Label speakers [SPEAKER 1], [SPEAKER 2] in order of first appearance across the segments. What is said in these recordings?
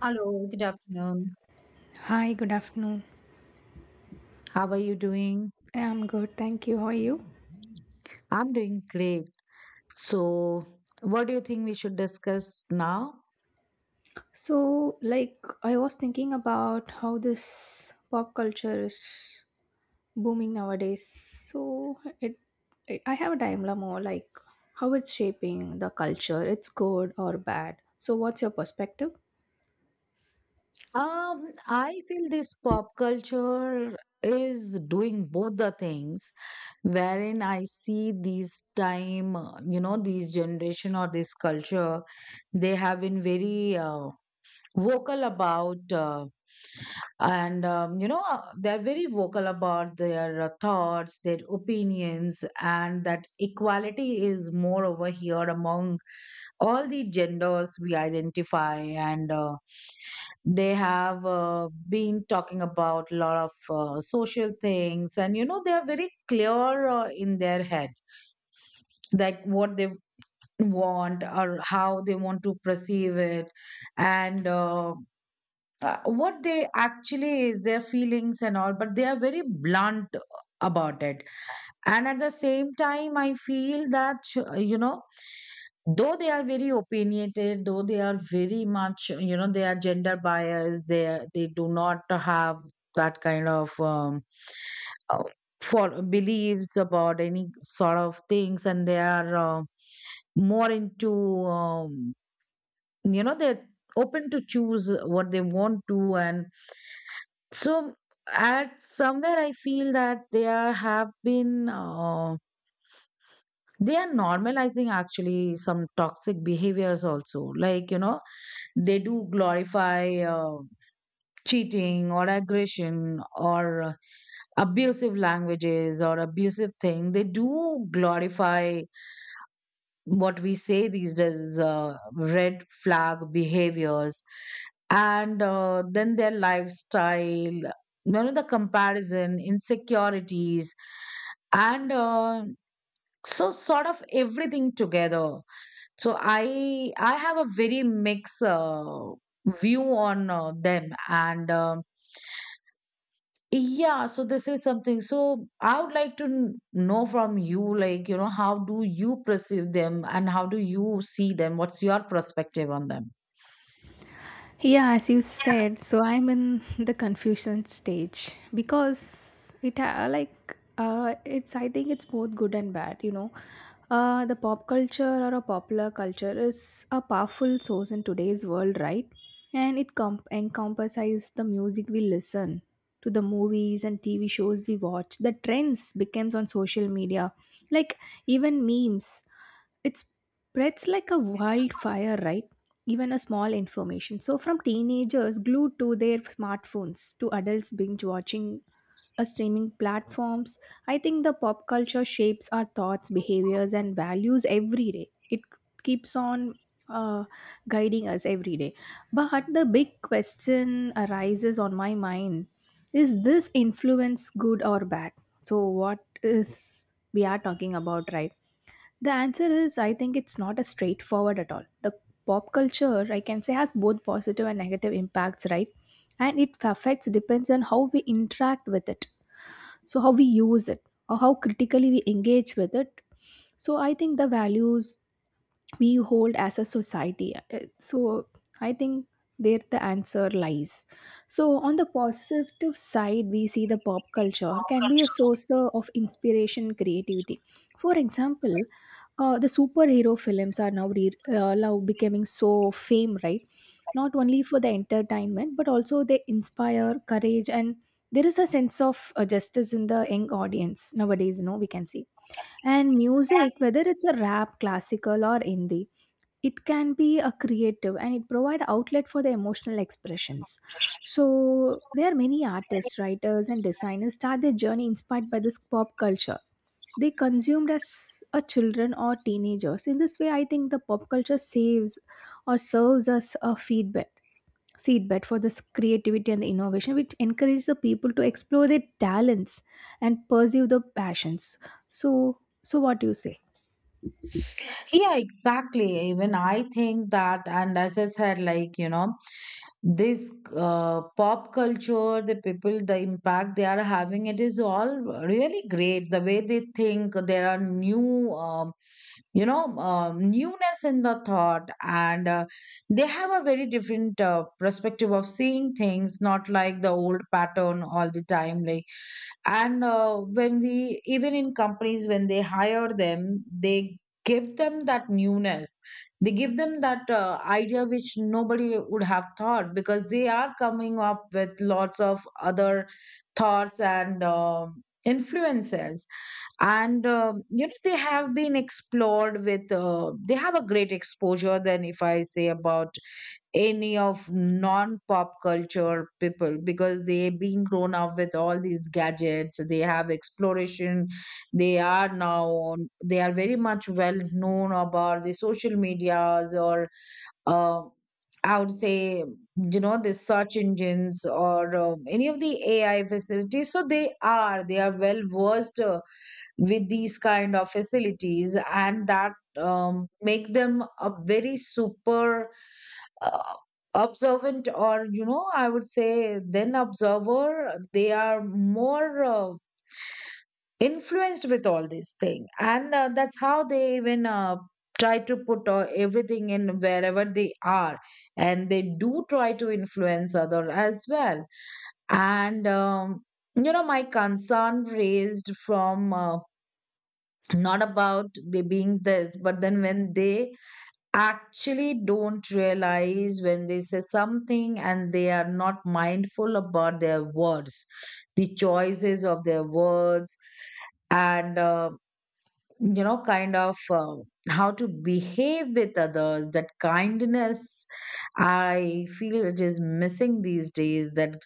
[SPEAKER 1] Hello, good afternoon.
[SPEAKER 2] Hi, good afternoon.
[SPEAKER 1] How are you doing?
[SPEAKER 2] I'm good, thank you. How are you?
[SPEAKER 1] I'm doing great. So, what do you think we should discuss now?
[SPEAKER 2] So, like, I was thinking about how this pop culture is booming nowadays. So, it I have a dilemma, like how it's shaping the culture. It's good or bad. So, what's your perspective?
[SPEAKER 1] I feel this pop culture is doing both the things wherein I see these time, you know, these generation or this culture, they have been very vocal about. And you know they're very vocal about their thoughts their opinions, and that equality is more over here among all the genders we identify, and they have been talking about a lot of social things, and you know they are very clear in their head like what they want or how they want to perceive it, and what they actually is their feelings and all, but they are very blunt about it. And at the same time I feel that you know, though they are very opinionated, though they are very much, you know, they are gender biased, they do not have that kind of uh, for beliefs about any sort of things, and they are more into um, you know, they're open to choose what they want to, and so at somewhere I feel that they are have been they are normalizing actually some toxic behaviors also. Like, you know, they do glorify cheating or aggression or abusive languages or abusive thing. They do glorify what we say these days is red flag behaviors, and then their lifestyle, you know, the comparison insecurities, and so sort of everything together. So I have a very mixed view on them, and um, yeah, so this is something. So I would like to know from you, like, you know, how do you perceive them and how do you see them? What's your perspective on them?
[SPEAKER 2] Yeah, as you said, so I'm in the confusion stage because it's I think it's both good and bad, you know. The pop culture or a popular culture is a powerful source in today's world, right? And it encompasses the music we listen to, the movies and TV shows we watch, the trends becomes on social media, like even memes, it spreads like a wildfire, right, even a small information. So from teenagers glued to their smartphones to adults binge watching a streaming platforms, I think the pop culture shapes our thoughts, behaviors and values every day. It keeps on uh, guiding us every day. But the big question arises on my mind, is this influence good or bad? So what is we are talking about, right? The answer is, I think it's not as straightforward at all. The pop culture, I can say, has both positive and negative impacts, right? And it affects depends on how we interact with it. So how we use it or how critically we engage with it. So I think the values we hold as a society. So I think there the answer lies. So on the positive side, we see the pop culture can be a source of inspiration, creativity. For example, the superhero films are now now becoming so fame, right, not only for the entertainment but also they inspire courage, and there is a sense of justice in the young audience nowadays, no, we can see. And music, whether it's a rap, classical or indie, it can be a creative and it provide outlet for the emotional expressions. So there are many artists, writers and designers start their journey inspired by this pop culture they consumed as a children or teenagers. In this way, I think the pop culture saves or serves as a feedback seedbed for this creativity and the innovation, which encourages the people to explore their talents and pursue the passions. So so what do you say?
[SPEAKER 1] Yeah, exactly. Even I think that, and as I said, like, you know, this pop culture, the people, the impact they are having, it is all really great. The way they think, there are new, you know, newness in the thought, and they have a very different perspective of seeing things, not like the old pattern all the time. Like and when we even in companies when they hire them, they give them that newness, they give them that idea which nobody would have thought, because they are coming up with lots of other thoughts and influences. And um, you know, they have been explored with they have a great exposure than if I say about any of non pop culture people, because they being grown up with all these gadgets, they have exploration. They are now on, they are very much well known about the social medias, or uh, I would say, you know, the search engines, or any of the AI facilities. So they are well versed with these kind of facilities, and that make them a very super uh, observant, or you know, I would say then observer. They are more influenced with all this thing, and that's how they even try to put everything in wherever they are, and they do try to influence other as well. And you know, my concern raised from not about they being this, but then when they actually don't realize, when they say something and they are not mindful about their words, the choices of their words, and you know, kind of how to behave with others. That kindness, I feel it is missing these days. That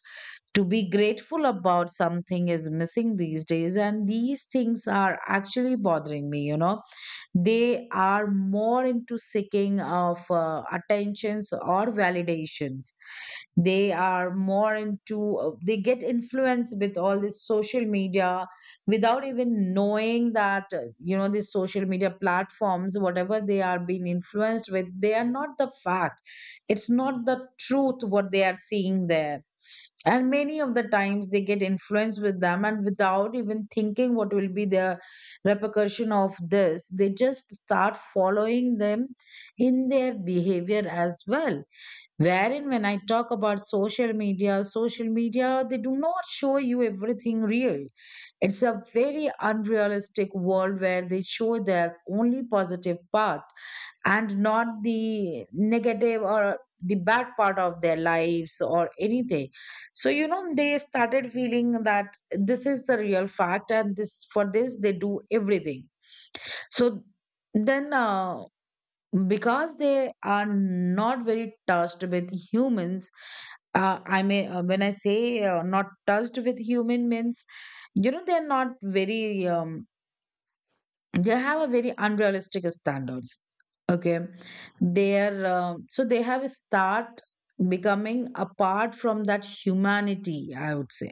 [SPEAKER 1] to be grateful about something is missing these days, and these things are actually bothering me. You know, they are more into seeking of attentions or validations. They are more into they get influenced with all this social media without even knowing that you know, these social media platforms, whatever they are being influenced with, they are not the fact, it's not the truth what they are seeing there. And many of the times they get influenced with them, and without even thinking what will be the repercussion of this, they just start following them in their behavior as well, wherein when I talk about social media, they do not show you everything real. It's a very unrealistic world where they show their only positive part and not the negative or the bad part of their lives or anything. So, you know, they started feeling that this is the real fact, and this for this they do everything. So then because they are not very touched with humans, I mean, when I say not touched with human means, you know, they're not very they have a very unrealistic standards, okay. They're um, so they have start becoming apart from that humanity, I would say.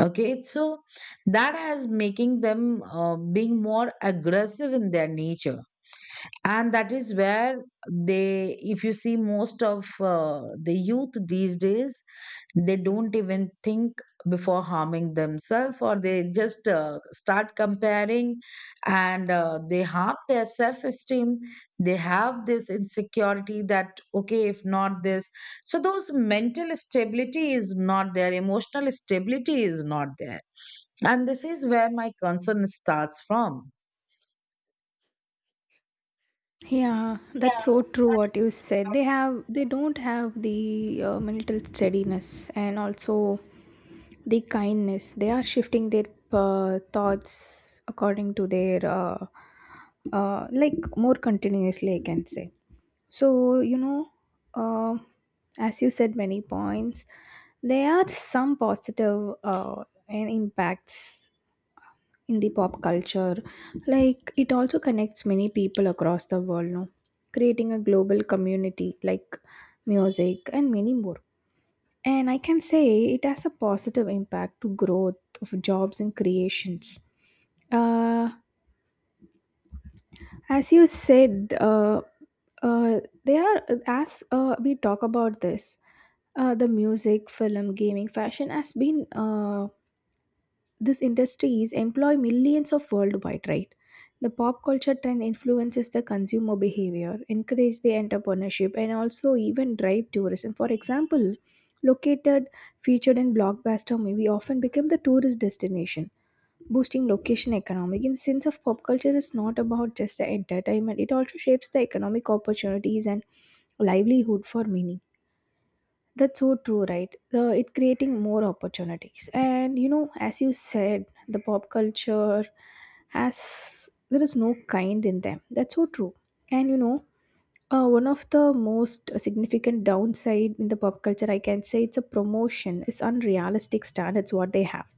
[SPEAKER 1] Okay, so that has making them being more aggressive in their nature, and that is where they, if you see most of the youth these days, they don't even think before harming themselves, or they just start comparing, and they harm their self esteem. They have this insecurity that okay, if not this, so those mental stability is not there, emotional stability is not there, and this is where my concern starts from.
[SPEAKER 2] Yeah, that's so true what you said. They have they don't have the mental steadiness, and also the kindness. They are shifting their thoughts according to their like more continuously, I can say. So you know, uh, as you said many points, there are some positive and impacts in the pop culture, like it also connects many people across the world, no, creating a global community, like music and many more. And I can say it has a positive impact to growth of jobs and creations. Uh, as you said, they are as we talk about this, the music, film, gaming, fashion has been these industries employ millions of worldwide, right? The pop culture trend influences the consumer behavior, encourage the entrepreneurship, and also even drive tourism. For example, located, featured in blockbuster movie often become the tourist destination, boosting location economic. In the sense of pop culture is not about just the entertainment; it also shapes the economic opportunities and livelihood for many. That's so true, right? It creating more opportunities, and you know, as you said, the pop culture has there is no kind in them. That's so true, and you know, one of the most significant downside in the pop culture, I can say, it's a promotion. It's unrealistic standards what they have,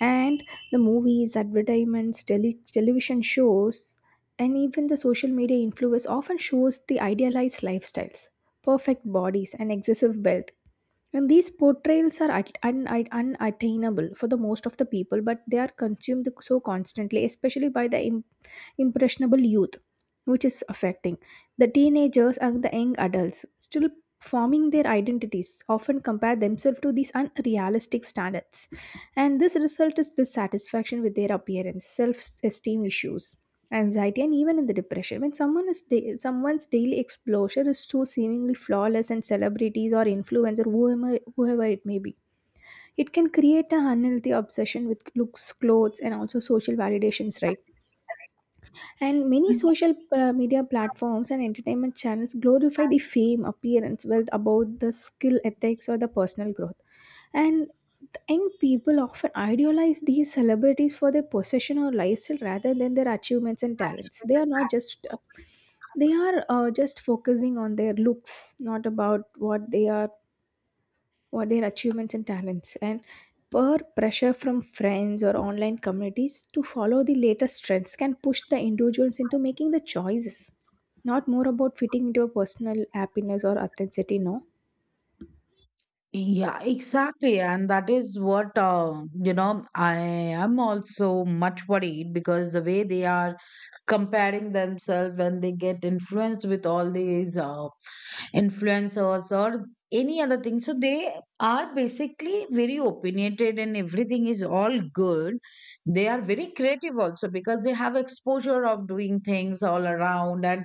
[SPEAKER 2] and the movies, advertisements, television shows, and even the social media influence often shows the idealized lifestyles, perfect bodies, and excessive wealth, and these portrayals are unattainable for the most of the people, but they are consumed so constantly, especially by the impressionable youth, which is affecting the teenagers and the young adults still forming their identities often compare themselves to these unrealistic standards, and this result is dissatisfaction with their appearance, self-esteem issues, anxiety and even in the depression. When someone is someone's daily exposure is so seemingly flawless and celebrities or influencer, whoever it may be, it can create a unhealthy obsession with looks, clothes, and also social validations, right? And many social media platforms and entertainment channels glorify the fame, appearance, wealth above the skill, ethics, or the personal growth. And the young people often idealize these celebrities for their possession or lifestyle rather than their achievements and talents. They are not just they are just focusing on their looks, not about what they are, what their achievements and talents, and per pressure from friends or online communities to follow the latest trends can push the individuals into making the choices not more about fitting into a personal happiness or authenticity, no.
[SPEAKER 1] Yeah, exactly. And that is what, you know, I am also much worried, because the way they are comparing themselves when they get influenced with all these influencers or any other thing. So they are basically very opinionated, and everything is all good. They are very creative also, because they have exposure of doing things all around, and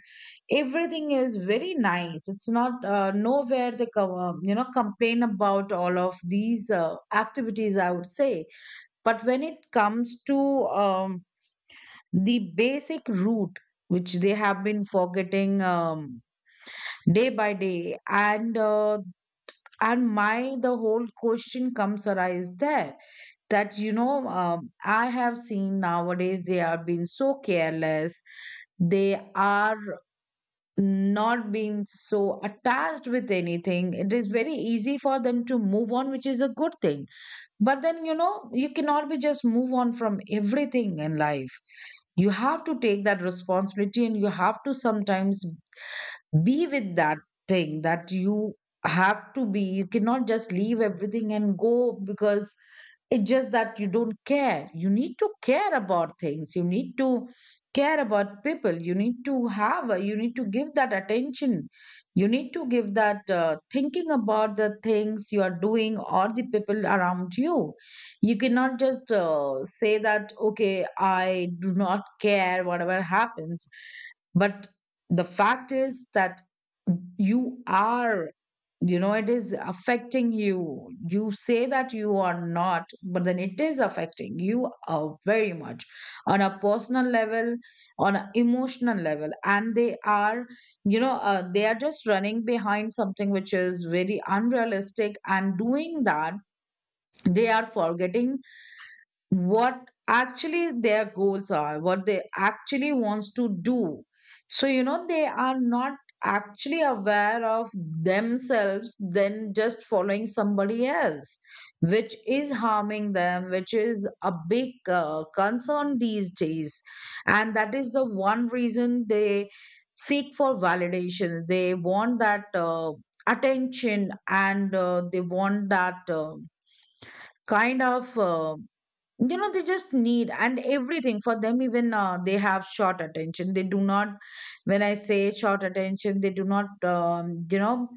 [SPEAKER 1] everything is very nice. It's not nowhere they you know, complain about all of these activities, I would say. But when it comes to um, the basic route which they have been forgetting day by day, and my the whole question comes arise there, that you know I have seen nowadays they are being so careless. They are not being so attached with anything. It is very easy for them to move on, which is a good thing, but then you know, you cannot be just move on from everything in life. You have to take that responsibility, and you have to sometimes be with that thing, that you have to be. You cannot just leave everything and go because it's just that you don't care. You need to care about things. You need to care about people. You need to have, you need to give that attention. You need to give that thinking about the things you are doing or the people around you. You cannot just say that, okay, I do not care, whatever happens. But the fact is that you are, you know, it is affecting you. You say that you are not, but then it is affecting you very much on a personal level, on an emotional level. And they are, you know, they are just running behind something which is very unrealistic, and doing that they are forgetting what actually their goals are, what they actually wants to do. So, you know, they are not actually aware of themselves. Then just following somebody else, which is harming them, which is a big concern these days. And that is the one reason they seek for validation. They want that attention, and they want that kind of. You know, they just need and everything for them. Even they have short attention. They do not, when I say short attention, they do not, you know,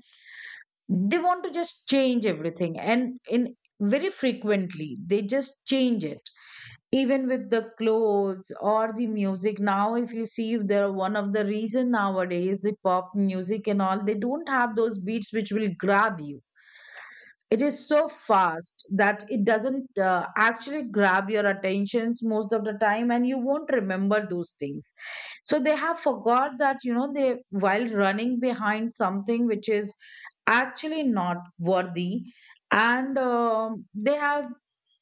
[SPEAKER 1] they want to just change everything, and in very frequently they just change it, even with the clothes or the music. Now if you see, if they're one of the reason nowadays the pop music and all, they don't have those beats which will grab you. It is so fast that it doesn't actually grab your attentions most of the time, and you won't remember those things. So they have forgot that, you know, they, while running behind something which is actually not worthy, and they have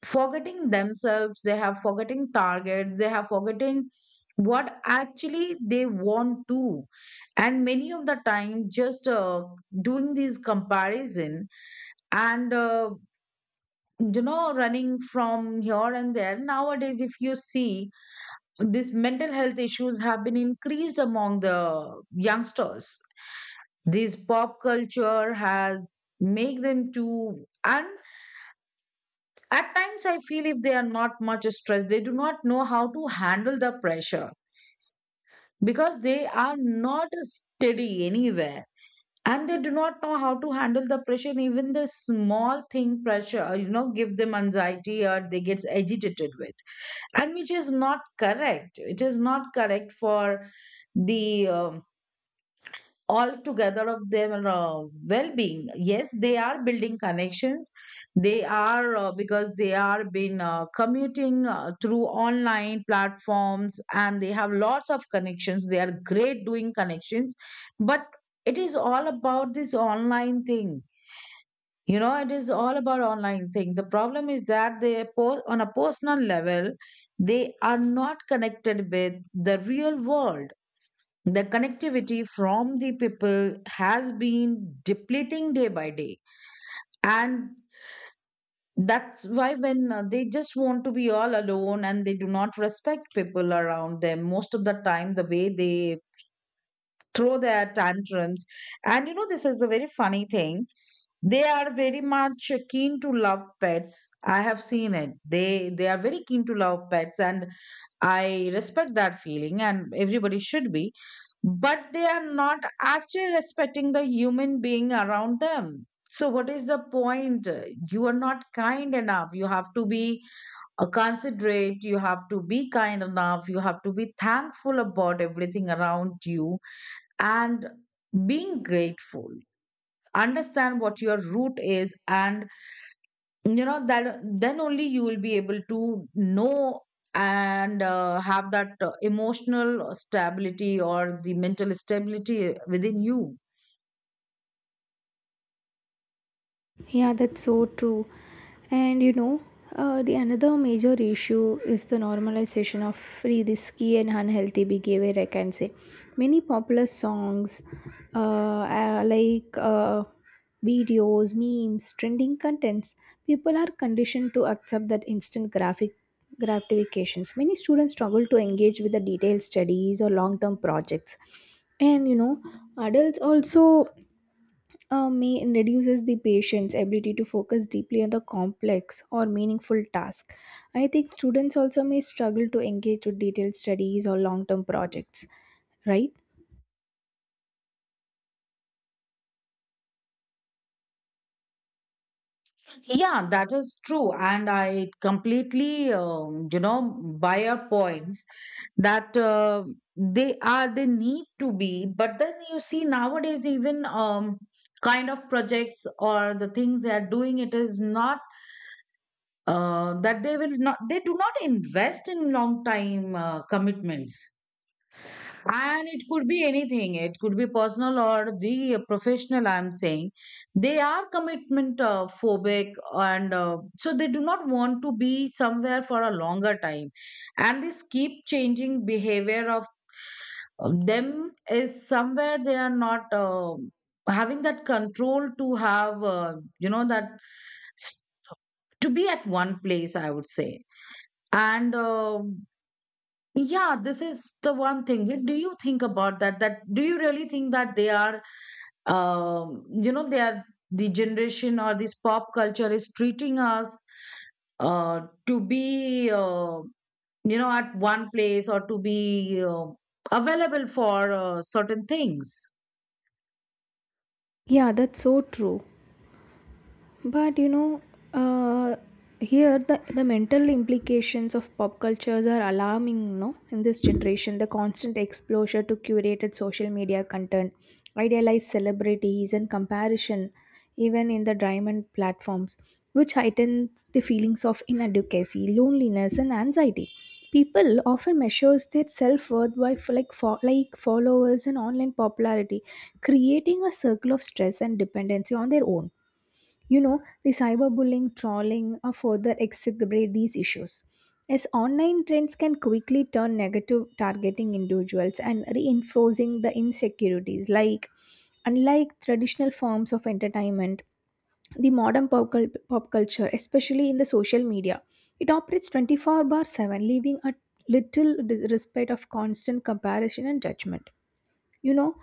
[SPEAKER 1] forgetting themselves, they have forgetting targets, they have forgetting what actually they want to. And many of the time just doing these comparison, and you know, running from here and there. Nowadays if you see, these mental health issues have been increased among the youngsters. This pop culture has make them to, and at times I feel if they are not much stressed, they do not know how to handle the pressure, because they are not steady anywhere, and they do not know how to handle the pressure. Even the small thing pressure, you know, give them anxiety or they get agitated with, and which is not correct. It is not correct for the, altogether of their well-being. Yes, they are building connections. They are because they are been commuting through online platforms, and they have lots of connections, they are great doing connections. But it is all about this online thing. You know, it is all about online thing. The problem is that on a personal level, they are not connected with the real world. The connectivity from the people has been depleting day by day. And that's why when they just want to be all alone and they do not respect people around them, most of the time, the way they throw their tantrums. And you know, this is a very funny thing. They are very much keen to love pets. I have seen it, they are very keen to love pets, and I respect that feeling and everybody should be. But they are not actually respecting the human being around them. So what is the point? You are not kind enough. You have to be considerate, you have to be kind enough, you have to be thankful about everything around you, and being grateful, understand what your root is. And you know that, then only you will be able to know and have that emotional stability or the mental stability within you.
[SPEAKER 2] Yeah, that's so true. And you know, the another major issue is the normalization of free risky and unhealthy behavior, I can say. Many popular songs, uh, uh, like uh, videos, memes, trending contents. People are conditioned to accept that instant graphic gratifications. Many students struggle to engage with the detailed studies or long-term projects, and you know, adults also may and reduces the patient's ability to focus deeply on the complex or meaningful task. I think students also may struggle to engage with detailed studies or long term projects, right?
[SPEAKER 1] Yeah, that is true. And I completely, you know, buy your points that they need to be. But then you see nowadays, even kind of projects or the things they are doing, it is not that they do not invest in long time commitments, and it could be anything, it could be personal or the professional, I'm saying. They are commitment phobic, and so they do not want to be somewhere for a longer time. And this keep changing behavior of them is somewhere they are not having that control to have, that s- to be at one place, I would say. And yeah, this is the one thing. What do you think about that? That do you really think that they are the generation or this pop culture is treating us uh, to be, at one place or to be available for certain things?
[SPEAKER 2] Yeah, that's so true. But you know, uh, here the mental implications of pop cultures are alarming, no? In this generation, the constant exposure to curated social media content, idealized celebrities, and comparison, even in the diamond platforms, which heightens the feelings of inadequacy, loneliness, and anxiety. People often measures their self worth by like followers and online popularity, creating a circle of stress and dependency on their own. You know, the cyberbullying, trolling, or further exacerbate these issues, as online trends can quickly turn negative, targeting individuals and reinforcing the insecurities. Like, unlike traditional forms of entertainment, the modern pop culture, especially in the social media, it operates 24/7, leaving a little respect of constant comparison and judgment. You know,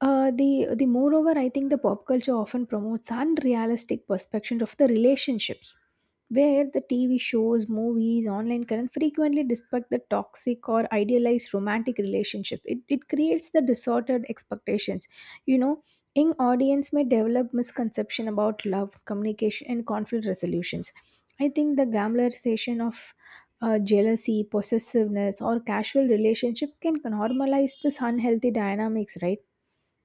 [SPEAKER 2] the moreover, I think the pop culture often promotes unrealistic perspectives of the relationships, where the TV shows, movies, online current frequently depict the toxic or idealized romantic relationship. It creates the disordered expectations. You know, young audience may develop misconception about love, communication, and conflict resolutions. I think the glamorization of jealousy, possessiveness, or casual relationship can normalize this unhealthy dynamics, right?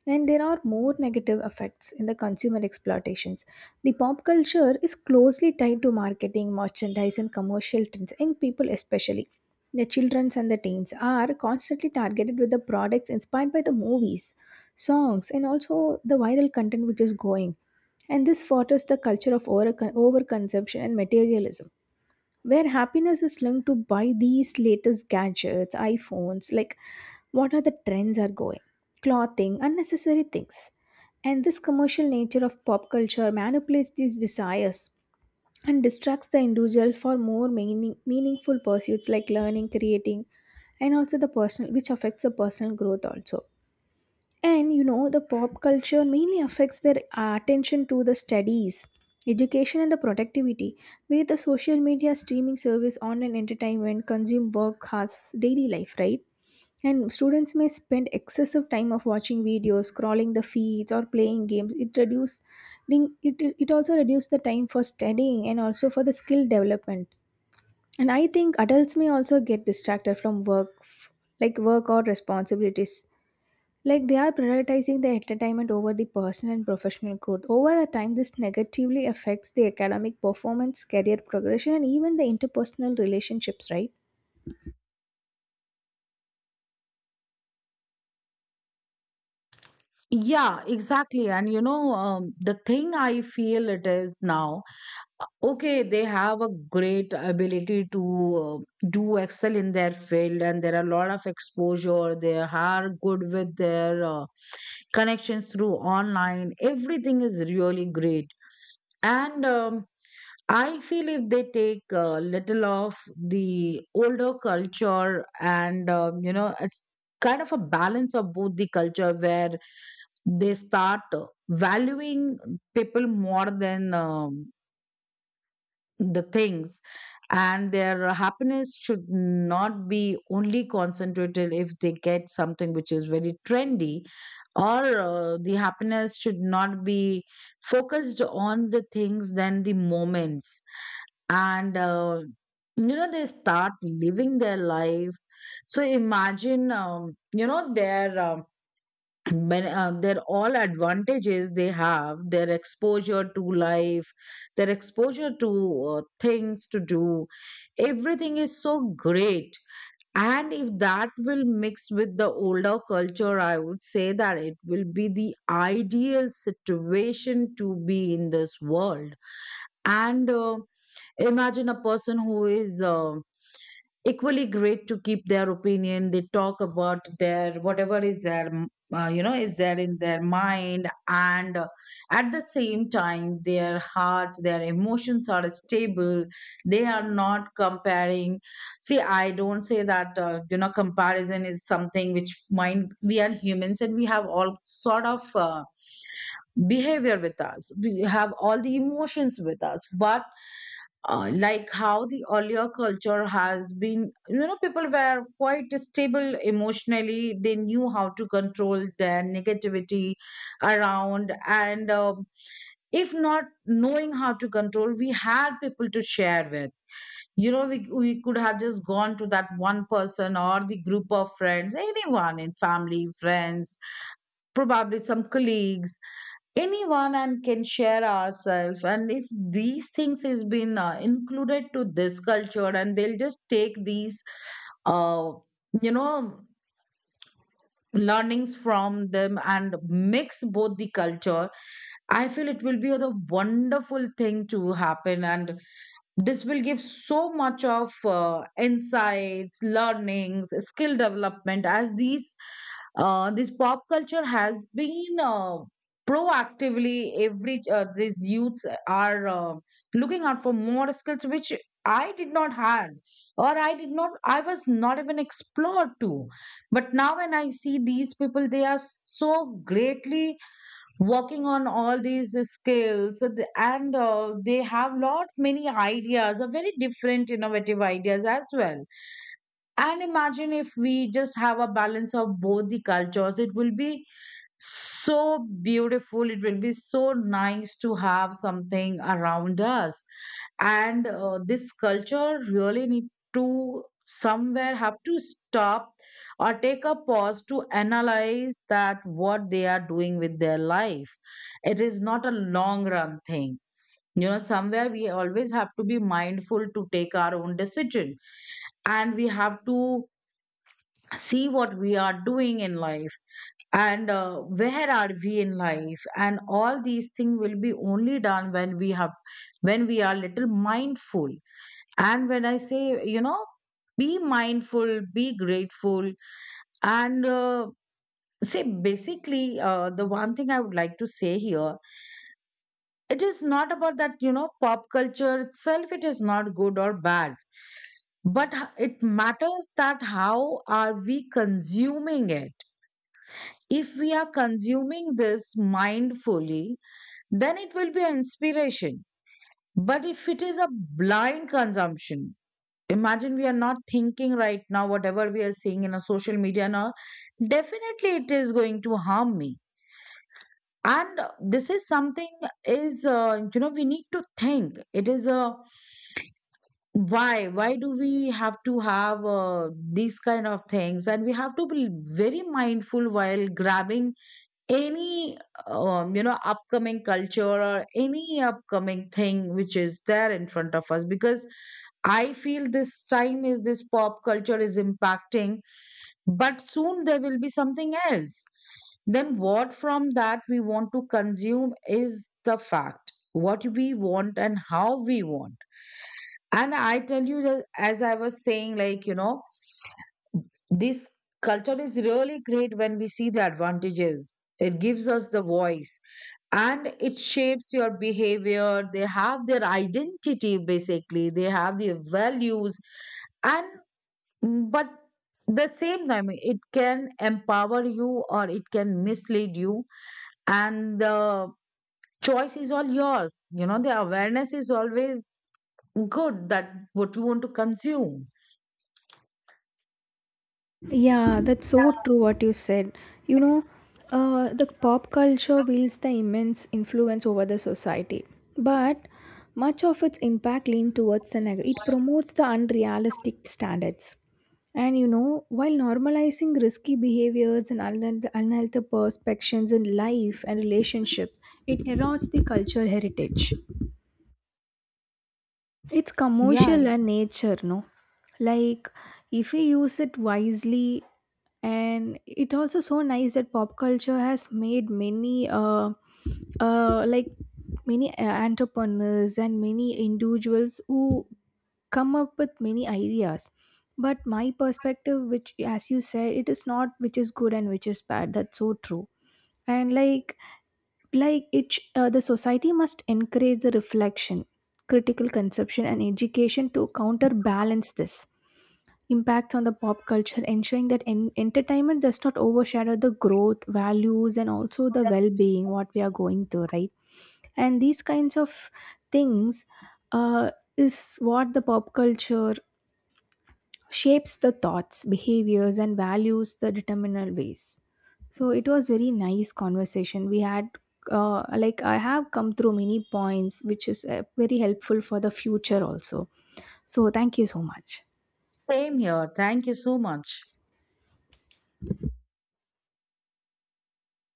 [SPEAKER 2] And there are more negative effects in the consumer exploitations. The pop culture is closely tied to marketing, merchandise, and commercial trends, young people especially. The children and the teens are constantly targeted with the products inspired by the movies, songs, and also the viral content which is going. And this fosters the culture of over overconsumption and materialism, where happiness is linked to buy these latest gadgets, iPhones, like what are the trends are going, clothing, unnecessary things. And this commercial nature of pop culture manipulates these desires and distracts the individual for more meaning, meaningful pursuits like learning, creating, and also the personal, which affects the personal growth also. And you know, the pop culture mainly affects their attention to the studies, education, and the productivity, where the social media, streaming service, online entertainment consume work has daily life, right? And students may spend excessive time of watching videos, scrolling the feeds, or playing games. It, it also reduce the time for studying and also for the skill development. And I think adults may also get distracted from work, like work or responsibilities, like they are prioritizing the entertainment over the personal and professional growth. Over a time, this negatively affects the academic performance, career progression, and even the interpersonal relationships, right?
[SPEAKER 1] Yeah, exactly. And you know, the thing I feel, it is now, okay, they have a great ability to do excel in their field, and there are a lot of exposure. They are good with their connections through online. Everything is really great. And I feel if they take a little of the older culture and, you know, it's kind of a balance of both the culture where they start valuing people more than the things, and their happiness should not be only concentrated if they get something which is very trendy, or the happiness should not be focused on the things than the moments. And you know, they start living their life. So imagine, their their all advantages they have, their exposure to life, their exposure to things to do, everything is so great. And if that will mix with the older culture, I would say that it will be the ideal situation to be in this world. And imagine a person who is equally great to keep their opinion. They talk about their whatever is their you know, is there in their mind, and at the same time, their hearts, their emotions are stable. They are not comparing. See, I don't say that you know, comparison is something which mind. We are humans, and we have all sort of. Behavior with us, we have all the emotions with us. But like how the earlier culture has been, you know, people were quite stable emotionally, they knew how to control their negativity around. And if not knowing how to control, we had people to share with. You know, we could have just gone to that one person or the group of friends, anyone, in family, friends, probably some colleagues, anyone, and can share ourselves. And if these things has been included to this culture, and they'll just take these uh, you know learnings from them and mix both the culture, I feel it will be a wonderful thing to happen. And this will give so much of insights, learnings, skill development, as these this pop culture has been proactively, every these youths are looking out for more skills, which I did not had, or I was not even explored to. But now when I see these people, they are so greatly working on all these skills, th- and they have lot many ideas, very different innovative ideas as well. And imagine if we just have a balance of both the cultures, it will be so beautiful, it will be so nice to have something around us. And this culture really need to somewhere have to stop, or take a pause to analyze that what they are doing with their life. It is not a long run thing. You know, somewhere we always have to be mindful to take our own decision, and we have to see what we are doing in life, and where are we in life. And all these things will be only done when we have, when we are little mindful. And when I say, you know, be mindful, be grateful, and say basically, the one thing I would like to say here, it is not about that, you know, pop culture itself, it is not good or bad, but it matters that how are we consuming it. If we are consuming this mindfully, then it will be an inspiration. But if it is a blind consumption, imagine we are not thinking right now whatever we are seeing in a social media now, definitely it is going to harm me. And this is something is, you know, we need to think. It is a, why do we have to have these kind of things? And we have to be very mindful while grabbing any you know, upcoming culture or any upcoming thing which is there in front of us, because I feel this time is, this pop culture is impacting, but soon there will be something else. Then, what from that we want to consume is the fact, what we want and how we want. And I tell you, that as I was saying, like, you know, this culture is really great when we see the advantages. It gives us the voice, and it shapes your behavior. They have their identity, basically, they have their values, and mm, but the same time, it can empower you or it can mislead you, and the choice is all yours. You know, the awareness is always good, that what you want to consume.
[SPEAKER 2] Yeah, that's so true what you said. You know, the pop culture wields the immense influence over the society, but much of its impact leans towards the negative. It promotes the unrealistic standards. And you know, while normalizing risky behaviors and unhealthy perspectives in life and relationships, it erodes the cultural heritage. It's
[SPEAKER 1] Yeah,
[SPEAKER 2] commercial and nature, no? Like, if we use it wisely, and it also so nice that pop culture has made many uh like many entrepreneurs and many individuals who come up with many ideas, but my perspective, which as you said, it is not which is good and which is bad, that's so true. And like it the society must encourage the reflection, critical conception and education to counterbalance this impact on the pop culture, ensuring that entertainment does not overshadow the growth, values, and also the well being what we are going through, right? And these kinds of things is what the pop culture shapes the thoughts, behaviors, and values the determinal ways. So it was very nice conversation we had. Like I have come through many points, which is very helpful for the future also. So thank you so much.
[SPEAKER 1] same here. Thank you so much.